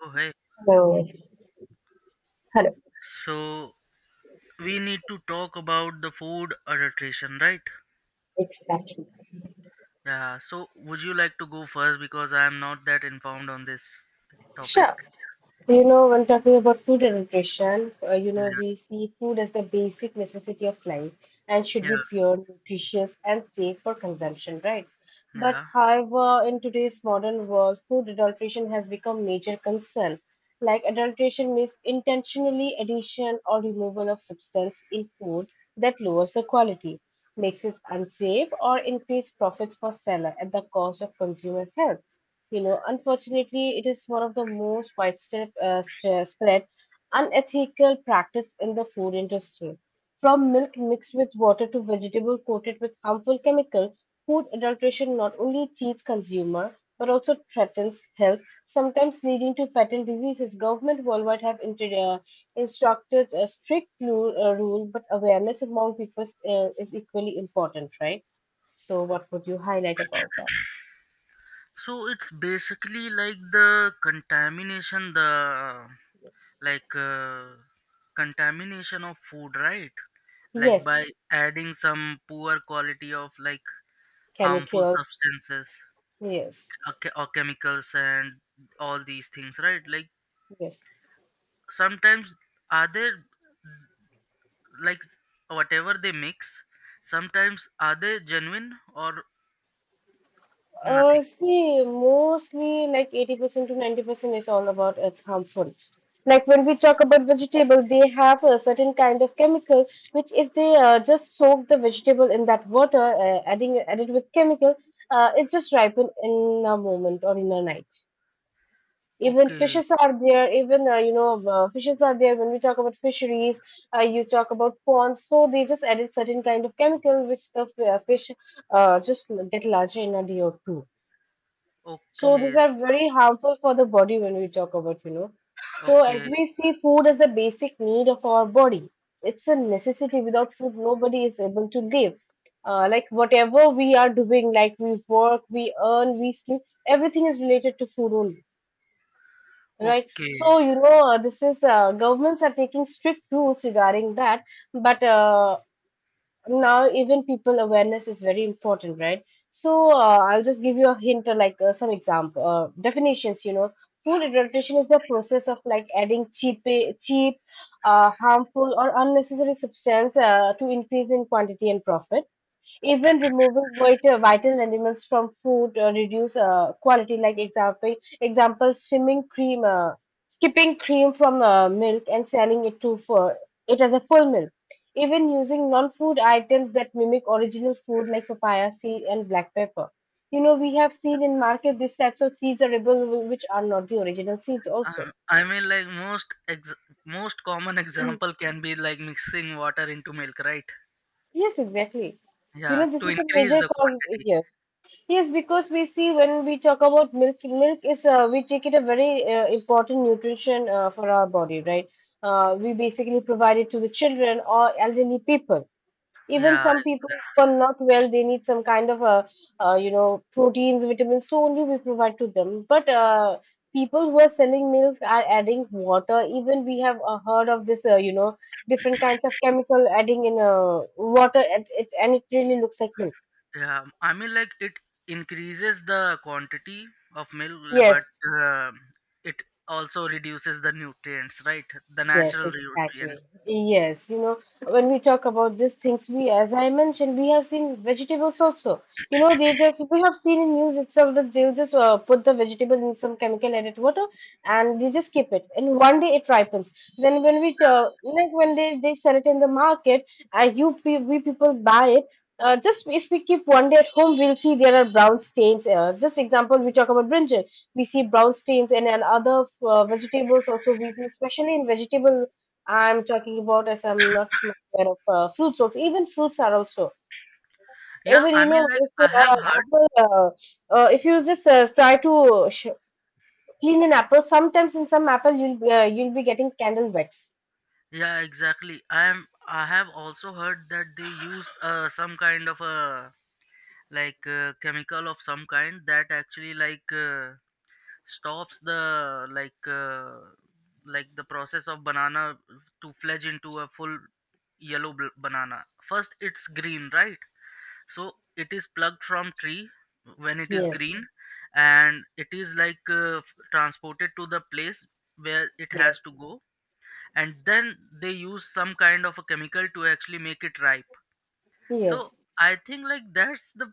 Okay, No, hello. so we need to talk about the food adulteration, right? Exactly. Yeah, so would you like to go first because I am not that informed on this topic? Sure. You know, when talking about food and nutrition, Yeah, we see food as the basic necessity of life and should yeah, be pure, nutritious, and safe for consumption, right? But yeah. however, in today's modern world, food adulteration has become major concern. Like adulteration means intentionally addition or removal of substance in food that lowers the quality, makes it unsafe, or increase profits for seller at the cost of consumer health. You know, unfortunately, it is one of the most widespread spread unethical practice in the food industry. From milk mixed with water to vegetable coated with harmful chemical, food adulteration not only cheats consumer but also threatens health, sometimes leading to fatal diseases. Government worldwide have instructed a strict rule, but awareness among people is equally important, right? So, what would you highlight about that? So it's basically like the contamination, the Yes. like uh, contamination of food, right? Like Yes, by adding some poor quality of like harmful chemicals. substances Yes, or chemicals and all these things, right? Like yes. sometimes are they like whatever they mix sometimes are they genuine or nothing. See, mostly like 80% to 90% is all about it's harmful. Like when we talk about vegetable, they have a certain kind of chemical which if they just soak the vegetable in that water, adding added with chemical, it just ripen in a moment or in a night. Even Okay. fishes are there, even fishes are there when we talk about fisheries. You talk about ponds, so they just added certain kind of chemical which the fish just get larger in a day or two. So these Okay. are So very harmful for the body when we talk about, you know. So as okay. we see food as the basic need of our body, it's a necessity. Without food, nobody is able to live. Like whatever we are doing, like we work, we earn, we sleep, everything is related to food only. Right. Okay. So, you know, this is, governments are taking strict rules regarding that, but now even people awareness is very important, right? So, I'll just give you a hint or like some example definitions. You know, food adulteration is the process of like adding cheap, harmful or unnecessary substance to increase in quantity and profit. Even removing vital elements from food reduce quality. Like example, shimming cream, skipping cream from milk and selling it to for it as a full milk. Even using non-food items that mimic original food, like papaya seed and black pepper. You know, we have seen in market these types of seeds are available which are not the original seeds also. I mean, like most common example can be like mixing water into milk, right? Yes, exactly. You Yeah, know, this to is the increase major the cause. quantity. Yes, yes, because we see when we talk about milk, milk is, we take it a very important nutrition for our body, right? We basically provide it to the children or elderly people, even Yeah. some people who are not well, they need some kind of a proteins, vitamins, so only we provide to them. But people who are selling milk are adding water. Even we have heard of this, different kinds of chemical adding in water, and it really looks like milk. Yeah, I mean, like it increases the quantity of milk, but Yes. uh, it also reduces the nutrients, right? The Yes, natural exactly. nutrients. Yes, you know, when we talk about these things, we, as I mentioned, we have seen vegetables also. You know, they just, we have seen in news itself that they'll just put the vegetable in some chemical added water and they just keep it. And one day it ripens. Then when we, like when they sell it in the market, we people buy it. Just if we keep one day at home, we'll see there are brown stains. Just example, we talk about brinjal, we see brown stains, and other vegetables also we see, especially in vegetable. I'm talking about, as I'm not much aware of fruits also. Even fruits are also, Yeah, even I you mean, know, like if I have heard. apple, if you just clean an apple, sometimes in some apple you'll you'll be getting candle wax. Yeah, exactly. I am. I have also heard that they use some kind of a chemical of some kind that actually stops the like the process of banana to fledge into a full yellow banana. First it's green, right? So it is plucked from tree when it is Yes. green, and it is transported to the place where it has Yes. to go. And then they use some kind of a chemical to actually make it ripe. So Yes. I think like that's the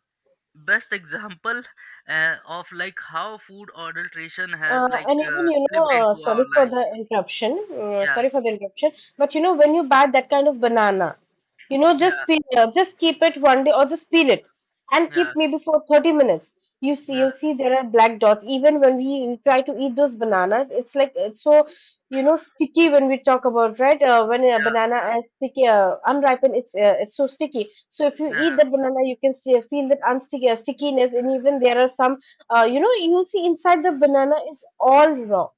best example of like how food adulteration Uh, has and even you know, slipped into our sorry for the lives. interruption. Yeah. Sorry for the interruption. But you know, when you buy that kind of banana, you know, Yeah. just just keep it one day or just peel it and Yeah. keep maybe for 30 minutes. You see, Yeah. you'll see there are black dots. Even when we try to eat those bananas, it's like it's so, you know, sticky when we talk about, right. When a Yeah. banana is sticky, unripened, it's so sticky. So if you Yeah. eat that banana, you can see, feel that unsticky stickiness, and even there are some you know, you see inside the banana is all raw,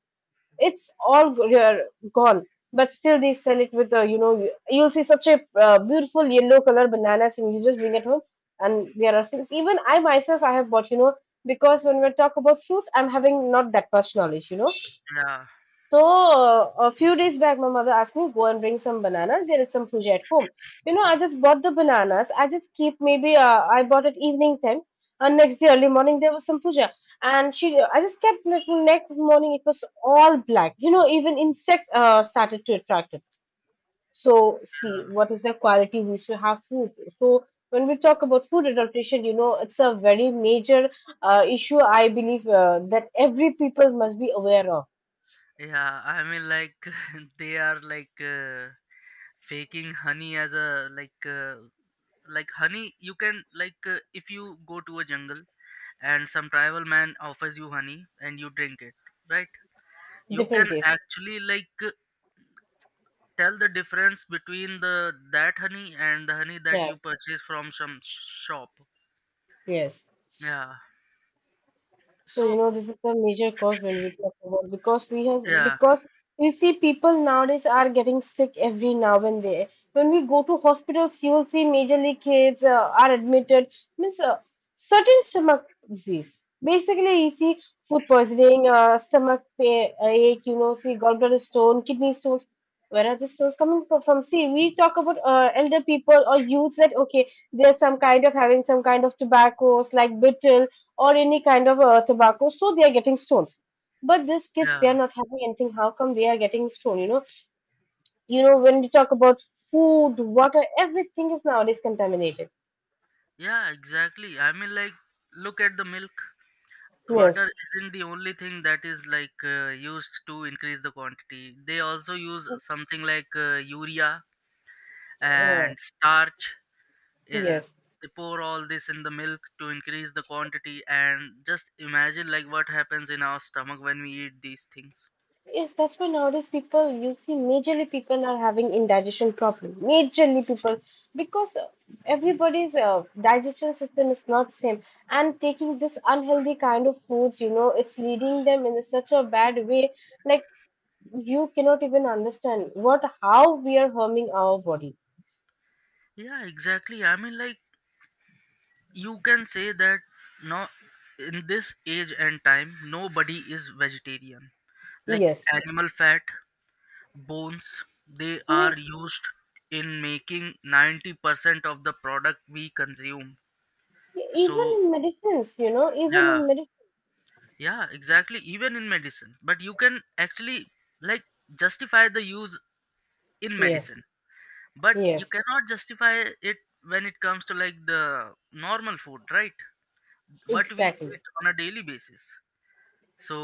it's all g- uh, gone. But still they sell it with a, you know, you'll see such a beautiful yellow color bananas, and you just bring it home. And there are things, even I myself I have bought, you know, because when we talk about fruits, I'm having not that much knowledge, you know. Yeah. So, a few days back, my mother asked me, go and bring some bananas. There is some puja at home. You know, I just bought the bananas. I just keep maybe I bought it evening time, and next day early morning there was some puja, and she I just kept it. Next morning it was all black. You know, even insect started to attract it. So, see what is the quality we should have food. So, when we talk about food adulteration, you know, it's a very major issue. I believe that every people must be aware of Yeah, yeah. I mean, like they are faking honey as a like honey. You can if you go to a jungle and some tribal man offers you honey and you drink it, right, you can different days. actually like tell the difference between the that honey and the honey that you purchase from some shop. Yes. Yeah. So, you So know, this is the major cause when we talk about, because we have, yeah. because we see people nowadays are getting sick every now and then. When we go to hospitals, you will see majorly kids are admitted. Means certain stomach disease. Basically, you see food poisoning, ache, you know, see gallbladder stone, kidney stones. Where are the stones coming from? See, we talk about elder people or youths that okay, there's some kind of having some kind of tobaccos like betel or any kind of tobacco, so they are getting stones. But these kids, they Yeah. are not having anything. How come they are getting stone? You know, when we talk about food, water, everything is nowadays contaminated. Yeah, exactly. I mean, like look at the milk. Water Yes, isn't the only thing that is used to increase the quantity. They also use something urea uh, and starch. uh, yes, they pour all this in the milk to increase the quantity, and just imagine like what happens in our stomach when we eat these things. yes. That's why nowadays people, you see, majorly people are having indigestion problem. Majorly people, because everybody's digestion system is not same, and taking this unhealthy kind of foods, you know, it's leading them in such a bad way, like you cannot even understand what how we are harming our body. Yeah, exactly. I mean, like you can say that no, in this age and time nobody is vegetarian. Like Yes. animal fat, bones, they are Yes. used in making 90% of the product we consume. So Even in medicines, you know, even yeah. in medicine. Yeah, exactly, even in medicine. But you can actually like justify the use in Yes. medicine, but you Yes. cannot justify it when it comes to like the normal food, right? What we Exactly. eat on a daily basis. So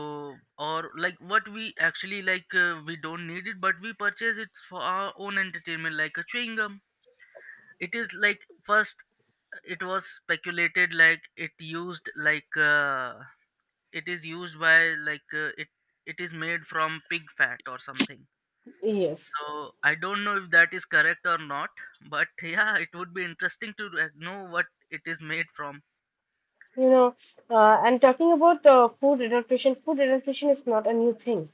or like what we actually like we don't need it, but we purchase it for our own entertainment, like a chewing gum. It is like first it was speculated like it used like it is used by like it it is made from pig fat or something. Yes. So I don't know if that is correct or not, but yeah, it would be interesting to know what it is made from. You know, and talking about the food adaptation is not a new thing.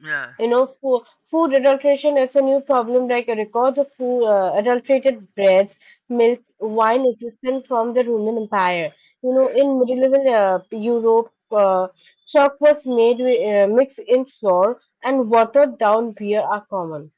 Yeah. You know, food adulteration, it's a new problem. Like records of food, adulterated breads, milk, wine existent from the Roman Empire. You know, in medieval Europe, chalk was made with, mixed in flour and watered down beer are common.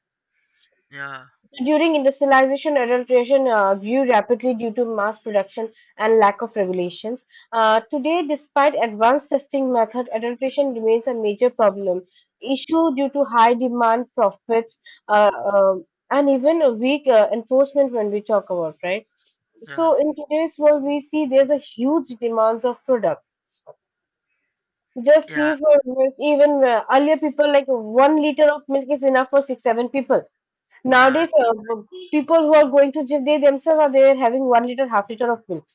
Yeah. So during industrialization, adulteration grew rapidly due to mass production and lack of regulations. Today, despite advanced testing methods, adulteration remains a major problem issue due to high demand, profits, and even a weak enforcement when we talk about, right? Yeah. So in today's world, we see there's a huge demands of product. Just Yeah. see for milk, even earlier people, like 1 liter of milk is enough for six, seven people. yeah Nowadays, exact- people who are going to gym, they themselves are there having 1 liter, half liter of milk.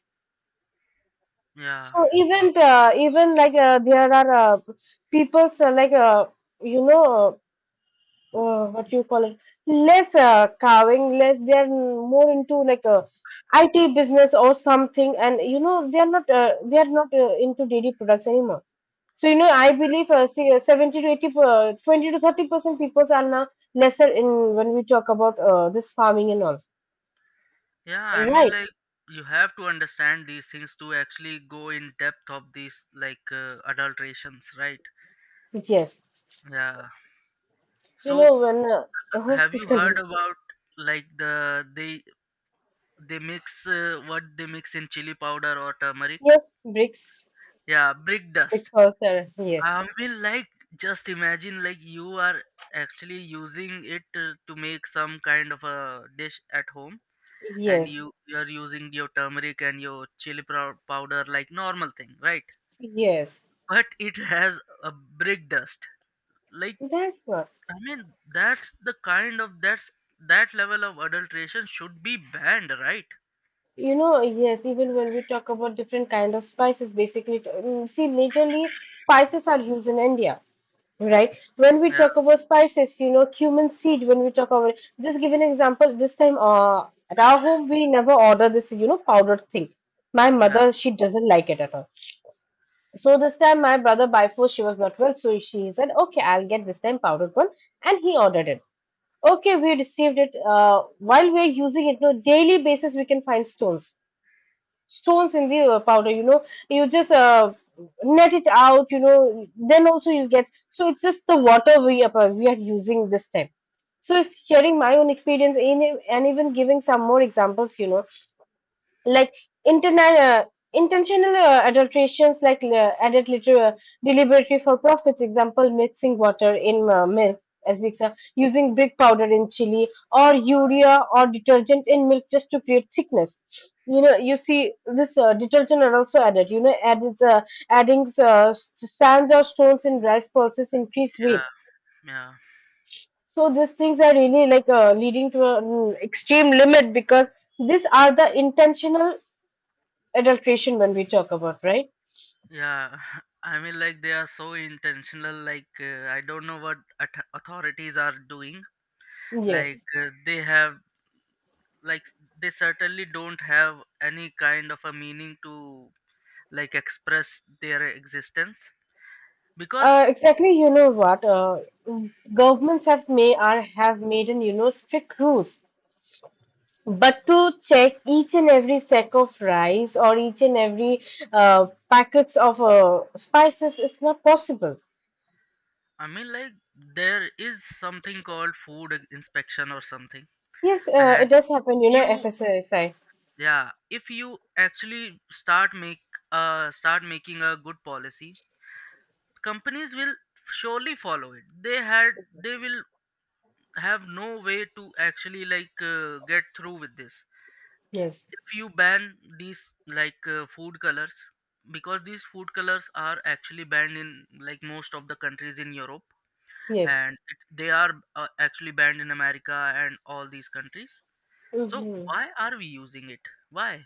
yeah. So even there are people like you know. uh, what you call it, less carving less, they're more into like a IT business or something, and you know they're not into daily products anymore. So you know I believe see, 70 to 80 per- 20 to 30% people are now lesser in when we talk about this farming and all, Yeah, I mean, right? like you have to understand these things to actually go in depth of these adulterations, right? Yes. Yeah. You So know when have please you heard continue. about like they mix what they mix in chili powder or turmeric? Yes, bricks, Yeah, brick dust. because yes. I mean, like just imagine like you are actually using it to make some kind of a dish at home, and Yes. you are using your turmeric and your powder like normal thing, right? Yes. But it has a brick dust. Like, That's what. I mean, that's the kind of that's that level of adulteration should be banned, right? You know, yes, even when we talk about different kind of spices, basically, see, majorly spices are used in India, right? When we Yeah. talk about spices, you know, cumin seed, when we talk about, just give an example, this time at our home, we never order this, you know, powdered thing. My Yeah. mother, she doesn't like it at all. So this time, my brother, by force, she was not well, so she said, okay, I'll get this time powdered one, and he ordered it. Okay, we received it. While we're using it, on a daily basis, we can find stones in the powder. You just net it out, then also you'll get, so it's just the water we are using this time. So it's sharing my own experience in it, and even giving some more examples like interna- uh, Intentional adulterations, like deliberately for profits. Example, mixing water in milk as mixer, using brick powder in chili, or urea or detergent in milk just to create thickness. You see this detergent are also added, added adding sands or stones in rice, pulses, increase weight. Yeah. Yeah. So these things are really like leading to an extreme limit, because these are the intentional adulteration when we talk about, right? Yeah. I mean, like they are so intentional. I don't know what authorities are doing. Yes, They have like s- they certainly don't have any kind of a meaning to like express their existence because exactly. You know what? Governments have made an, you know, strict rules, but to check each and every sack of rice or each and every packets of spices is not possible. I mean, like there is something called food inspection or something, Yes, it and does happen. if You know, you FSSI. yeah, if you actually start making a good policy, companies will surely follow it. They will have no way to actually get through with this. Yes, If you ban these food colors, because these food colors are actually banned in like most of the countries in Europe, yes, and they are actually banned in America and all these countries. So mm-hmm, why are we using it? Why?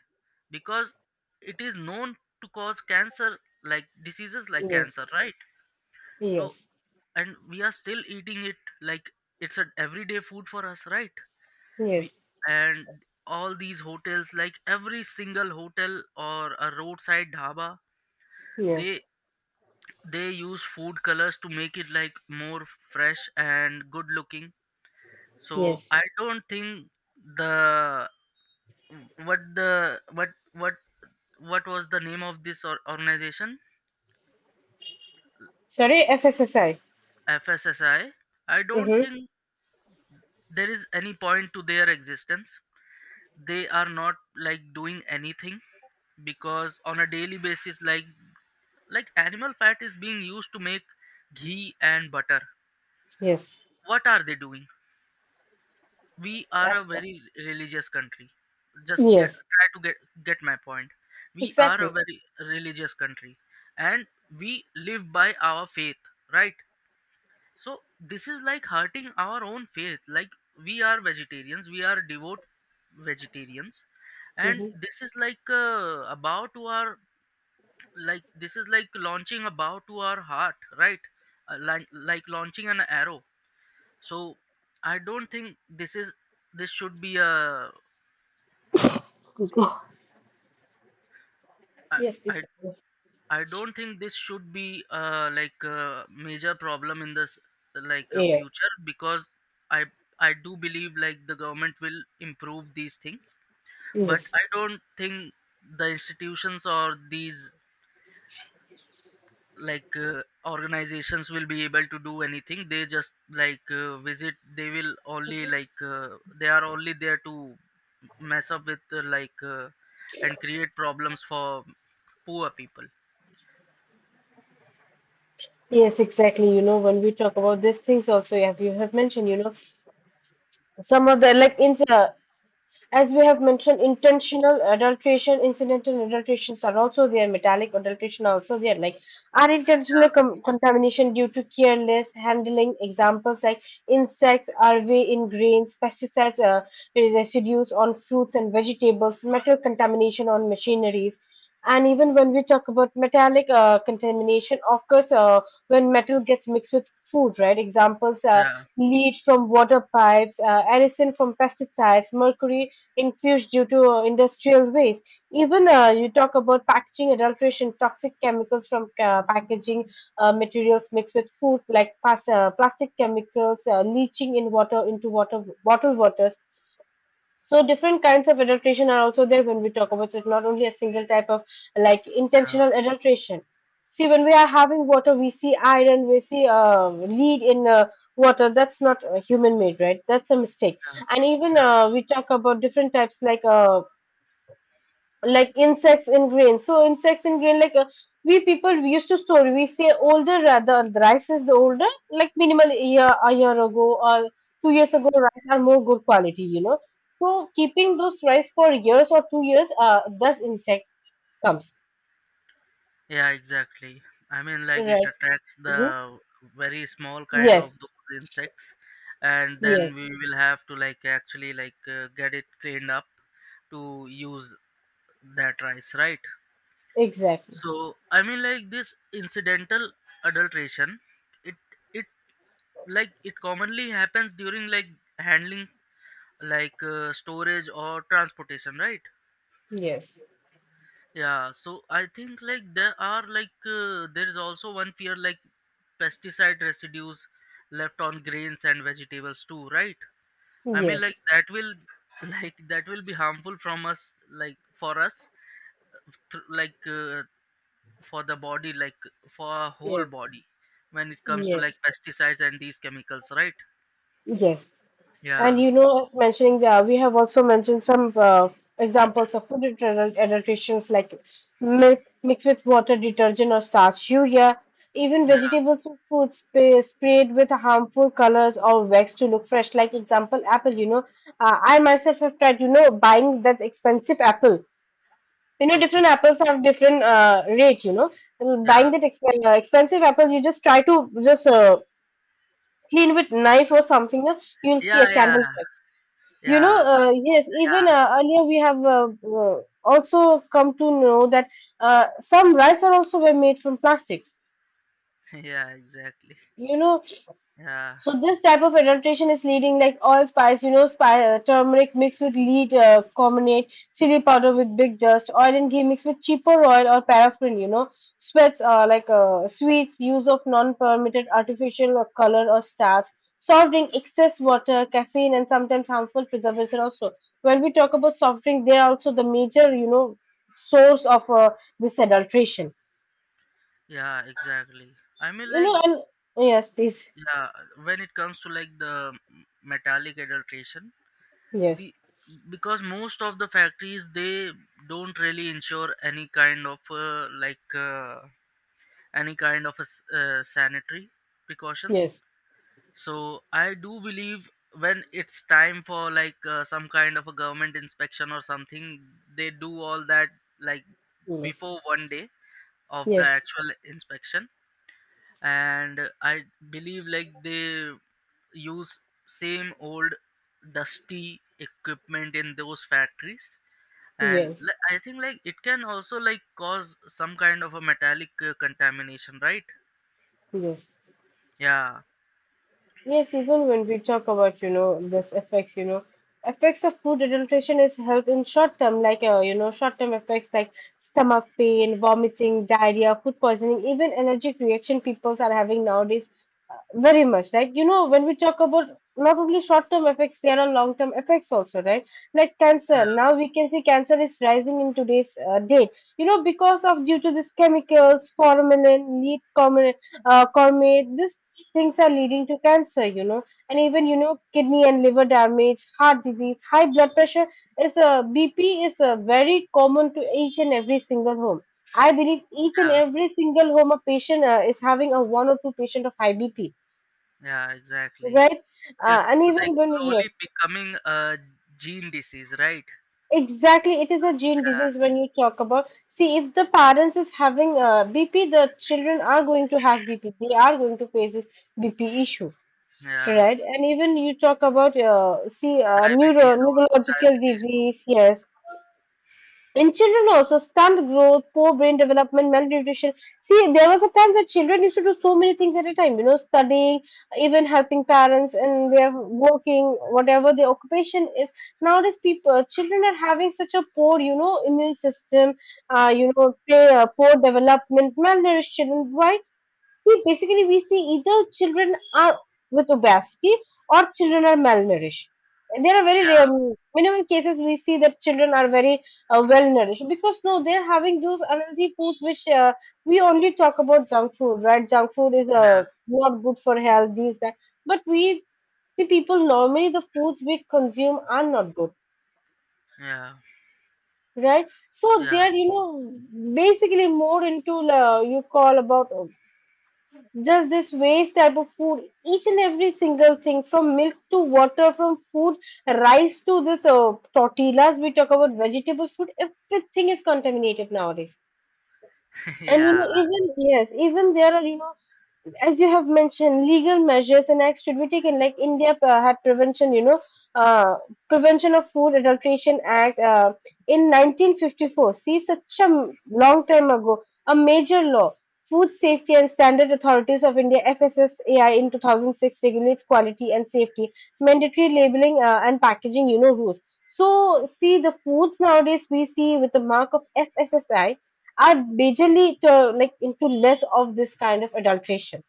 Because it is known to cause cancer, like diseases like yes, cancer, right? So, yes, and we are still eating it, like it's an everyday food for us, right? we yes, and all these hotels, like every single hotel or a roadside dhaba, yes, they they use food colors to make it like more fresh and good looking. So yes. I don't think the what the what what what was the name of this or organization? Sorry, FSSI. FSSI. I don't Mm-hmm. think there is any point to their existence. They are not like doing anything because on a daily basis, like animal fat is being used to make ghee and butter. Yes, What are they doing? We are a that's what. very religious country. Just get Yes. try to get my point. We are a Exactly. very religious country, and we live by our faith, right? So this is like hurting our own faith, like we are vegetarians, we are devout vegetarians. And Hmm. this is like a bow to our like this is like launching a bow to our heart, right? Like launching an arrow. So I don't think this should be a Excuse me. I Yes, please, I continue. I don't think this should be like a major problem in this Yes. future because I I do believe like the government will improve these things, but Yes. I don't think the institutions or these organizations will be able to do anything. They just visit. They will only they are only there to mess up with and create problems for poor people. Yes, exactly. You know, when we talk about these things also, you have mentioned, you know, some of the like in as we have mentioned, intentional adulteration, incidental adulterations are also there, metallic adulteration are also there, like unintentional contamination due to careless handling. Examples like insects, larvae in grains, pesticides, residues on fruits and vegetables, metal contamination on machineries. And even when we talk about metallic contamination, of course, when metal gets mixed with food, right? Examples, Yeah, yeah. lead from water pipes, arisen from pesticides, mercury infused due to industrial waste. Even you talk about packaging adulteration, toxic chemicals from packaging materials mixed with food, like plastic chemicals, leaching in water, into water bottled waters. So different kinds of adulteration are also there when we talk about it, not only a single type of like Yeah. intentional adulteration. See, when we are having water, we see iron, we see lead in water. That's not human made, right? That's a mistake. Yeah, And even yeah, we talk about different types, like insects in grain. So insects in grain, like we people, we used to store. We say older, rather the rice is the older, like minimal, a year ago or 2 years ago rice are more good quality, you know. So keeping those rice for years or 2 years, thus insect comes, yeah, exactly. I mean, like it right. attracts Mhm. the very small kind of Yes, those insects, and then yes, we will have to like actually get it cleaned up to use that rice, right? exactly. So I mean, like this incidental adulteration, it it like it commonly happens during like handling, storage or transportation, right? Yes, Yeah, so I think like there are there is also one fear like pesticide residues left on grains and vegetables too, right? I mean, like yes, that will like that will be harmful from us, like for us, th- like uh, for the body, like for our whole yes, body when it comes to like yes, pesticides and these chemicals, right? yes. And Yeah. you know, as mentioning there, we have also mentioned some examples of food adulterations, like milk mixed with water, detergent, or starch, urea, even Yeah. vegetables and foods sprayed with harmful colors or wax to look fresh. Like example, apple. You know, I myself have tried. You know, buying that expensive apple. You know, Okay. different apples have different rate. You know, and Yeah. buying that expensive apple, you just try to just clean with knife or something. You know, you'll see Yeah. a Yeah. candle. You know, Yeah. Yes, Yeah. even earlier we have also come to know that some rice are also were made from plastics. Yeah, exactly. You know, Yeah. so this type of adulteration is leading, like allspice, you know, spi turmeric mixed with lead carbonate, chili powder with big dust, oil and ghee mixed with cheaper oil or paraffin, you know, sweats like sweets, use of non-permitted artificial color or starch, soft drink, excess water, caffeine, and sometimes harmful preservation also. When we talk about soft drink, they are also the major, you know, source of this adulteration. Yeah, exactly. I mean, You like know, and yes, please, yeah, when it comes to like the metallic adulteration, yes, the because most of the factories they don't really ensure any kind of any kind of a s sanitary precaution. yes, So I do believe when it's time for like some kind of a government inspection or something, they do all that like yes, before one day of the yes. actual inspection. And I believe like they use same old dusty equipment in those factories, and Yes, I think like it can also like cause some kind of a metallic contamination, right? yes, Yeah. yes. Even when we talk about, you know, this effects, you know, effects of food adulteration is health in short term, like, you know, short term effects like stomach pain, vomiting, diarrhea, food poisoning, even allergic reaction peoples are having nowadays, very much. Like, you know, when we talk about, not only short term effects, there are long term effects also, right? Like cancer. Yeah. Now we can see cancer is rising in today's date, you know, because of due to this chemicals, formalin, lead, common Cormate, these things are leading to cancer, you know, and even, you know, kidney and liver damage, heart disease, high blood pressure is a BP is a very common to each and every single home. I believe each and Yeah, every single home a patient is having a one or two patient of high BP, yeah, exactly. right? It's And like even when, slowly yes, becoming a gene disease, right? exactly, it is a gene Yeah. disease when you talk about. See, if the parents is having BP, the children are going to have BP. They are going to face this BP issue, yeah right. And even you talk about see diabetes or neurological diabetes too. disease. Yes, in children also stunt growth, poor brain development, malnutrition. See, there was a time where children used to do so many things at a time. You know, studying, even helping parents, and they're working whatever their occupation is. Nowadays, people children are having such a poor, you know, immune system. You know, they, poor development, malnourished children. Why? See, basically, we see either children are with obesity or children are malnourished. And there are very Yeah. rare, minimum cases we see that children are very well nourished, because no, they're having those unhealthy foods which, we only talk about junk food, right? Junk food is Yeah. Not good for health, these, that. But we, the people, normally the foods we consume are not good, Yeah. right? So they Yeah. are, you know, basically more into, you call about, just this waste type of food, each and every single thing, from milk to water, from food, rice, to this tortillas we talk about, vegetable food, everything is contaminated nowadays. And you know, Yeah. even, yes, even there are, you know, as you have mentioned, legal measures and acts should be taken, like India had prevention, you know, uh, Prevention of Food Adulteration Act in 1954. See, such a long time ago, a major law. Food Safety and Standard Authorities of India (FSSAI) in 2006 regulates quality and safety, mandatory labeling and packaging. You know, rules. So, see, the foods nowadays we see with the mark of FSSAI are majorly to, like, into less of this kind of adulteration,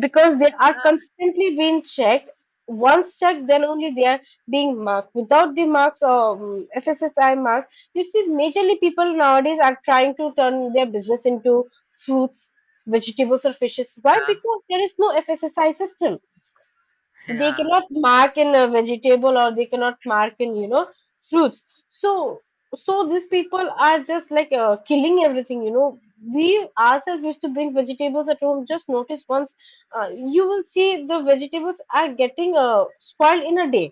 because they are constantly being checked. Once checked, then only they are being marked. Without the marks or FSSI mark, you see, majorly people nowadays are trying to turn their business into fruits, vegetables, or fishes. Why? Yeah. Because there is no FSSI system, they Yeah. cannot mark in a vegetable, or they cannot mark in, you know, fruits. So these people are just like killing everything, you know. We ourselves used to bring vegetables at home, just notice once, you will see the vegetables are getting spoiled in a day.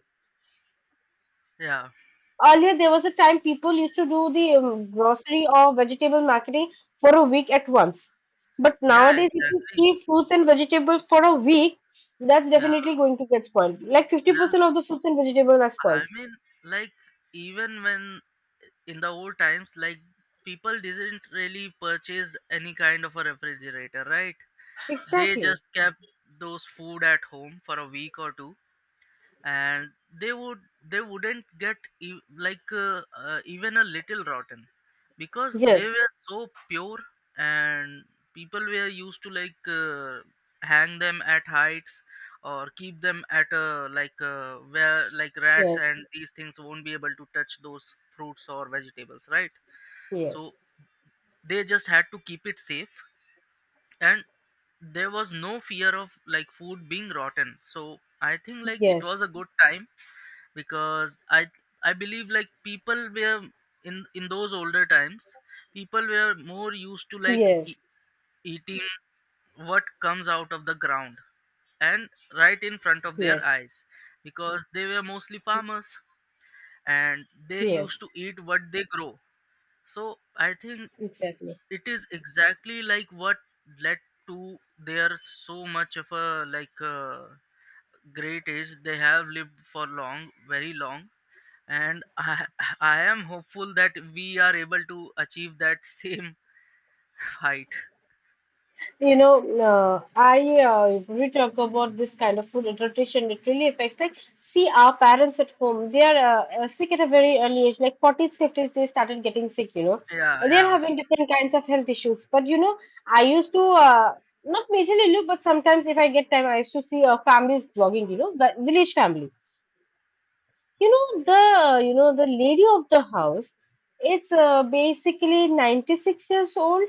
Yeah. Earlier, there was a time people used to do the grocery or vegetable marketing for a week at once. But Yeah, nowadays, if you exactly. keep fruits and vegetables for a week, that's Yeah. definitely going to get spoiled. Like 50% Yeah. of the fruits and vegetables are I spoiled. mean, like even when in the old times, like people didn't really purchase any kind of a refrigerator, right? They Exactly. just kept those food at home for a week or two, and they would they wouldn't get even a little rotten because they Yes, were so pure. And people were used to hang them at heights or keep them at a where like rats yes, and these things won't be able to touch those fruits or vegetables, right? So yes, they just had to keep it safe, and there was no fear of like food being rotten. So I think like it yes, was a good time because I believe like people were in those older times people were more used to yes, eating what comes out of the ground and right in front of their yes, eyes because they were mostly farmers, and they used yes, to eat what they grow. So I think exactly. it is exactly like what led to their so much of a like uh, great age. They have lived for long, very long. And I am hopeful that we are able to achieve that same height. You know, I if we talk about this kind of food adaptation, it really affects. Like, see, our parents at home, they are sick at a very early age, like 40s, 50s, they started getting sick, you know. Yeah, And they're yeah, having different kinds of health issues. But, you know, I used to not majorly look, but sometimes if I get time, I used to see families vlogging, you know, the village family. You know, the lady of the house, it's basically 96 years old.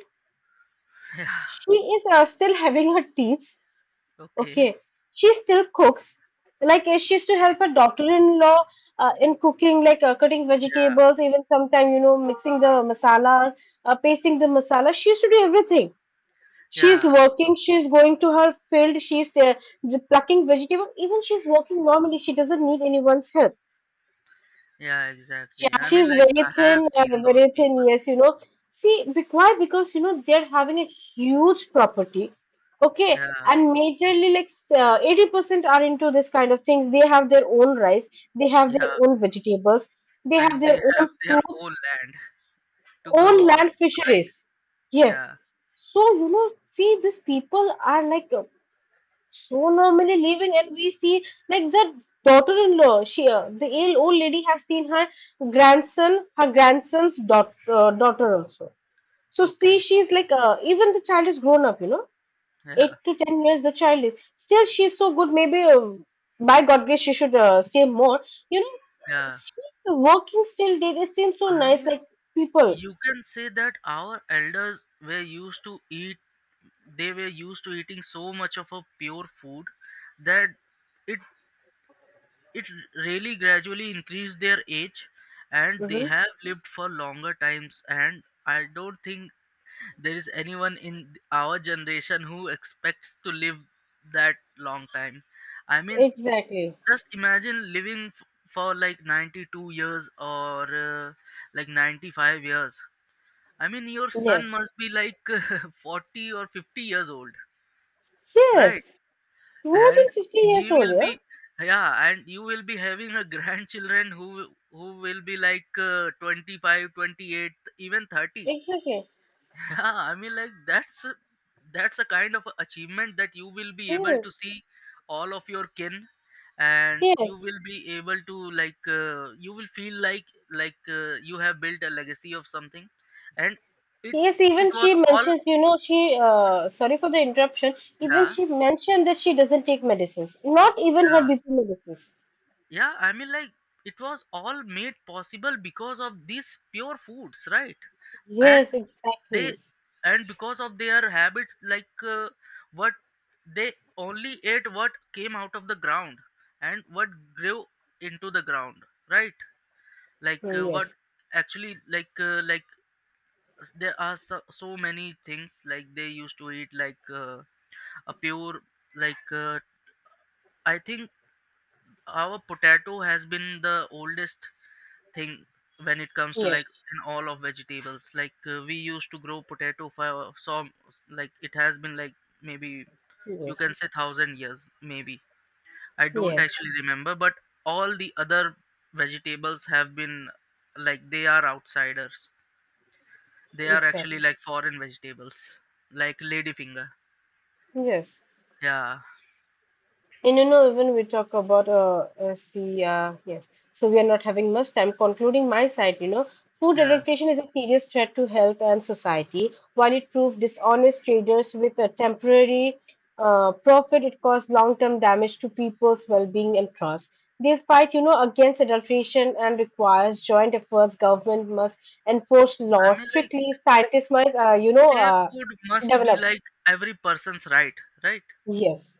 yeah. She is still having her teeth. Okay. Okay, she still cooks. Like she used to help Okay. her daughter-in-law in cooking, like cutting Yeah, vegetables, even sometime, you know, mixing the masala, pasting the masala. She used to do everything. She's yeah, working. She's going to her field. She's plucking vegetables. Even she's working normally. She doesn't need anyone's help. yeah. Exactly. Yeah, I mean, she's like very I have thin, seen those very people. thin. Yes, you know. See, why? Because, you know, they're having a huge property, okay, Yeah, and majorly like 80% are into this kind of things. They have their own rice, they have yeah, their own vegetables, they have and they their have own their fruits, own land to grow own all land, those, right? fisheries. Yes. Yeah. So you know, see, these people are like so normally living, and we see, like, the daughter-in-law, she the ill old lady have seen her grandson, her grandson's daughter, daughter also. So see, Okay. she's like even the child is grown up, you know, 8 Yeah, to 10 years, the child is still, she's so good, maybe by god grace, she should stay more, you know. yeah. She's working still, did it seems so I nice, mean, like people. you can say that our elders were used to eat. They were used to eating so much of a pure food that it it really gradually increased their age, and they Hmm. have lived for longer times. And I don't think there is anyone in our generation who expects to live that long time. I mean, Exactly. just imagine living for like 92 years or like 95 years. I mean, your son Yes, must be like 40 or 50 years old, right? yes, more than and 50 years he old. will Yeah, be Yeah, and you will be having a grandchildren who will be 25, 28, even 30. exactly, Yeah, I mean, like that's a kind of achievement that you will be able to yes. see all of your kin, and Yes, you will be able to you will feel you have built a legacy of something. And it yes, it even was she all mentions, you know, she, sorry for the interruption, even yeah. she mentioned that she doesn't take medicines, not even her Yeah. BP medicines. Yeah, I mean, like it was all made possible because of these pure foods, right? And Yes, they, exactly. and because of their habits, like, what they only ate what came out of the ground and what grew into the ground, right? Like, Mm, what yes, actually, like, s- there are so, so many things, like, they used to eat, like, a pure, like, uh, I think our potato has been the oldest thing when it comes to yes, like in all of vegetables, like we used to grow potato for some like it has been like maybe you yes, can say thousand years maybe. I don't yes, actually remember. But all the other vegetables have been like they are outsiders. They are actually exactly. like foreign vegetables, like ladyfinger. Yes. Yeah. And you know, even we talk about, see, yes, so we are not having much time. Concluding my side, you know, food Yeah, adaptation is a serious threat to health and society. While it proved dishonest traders with a temporary profit, it caused long term damage to people's well being and trust. They fight, you know, against adulteration, and requires joint efforts. Government must enforce I laws mean, like strictly. Scientists must, you know, safe food must be develop. like every person's right, right? Yes.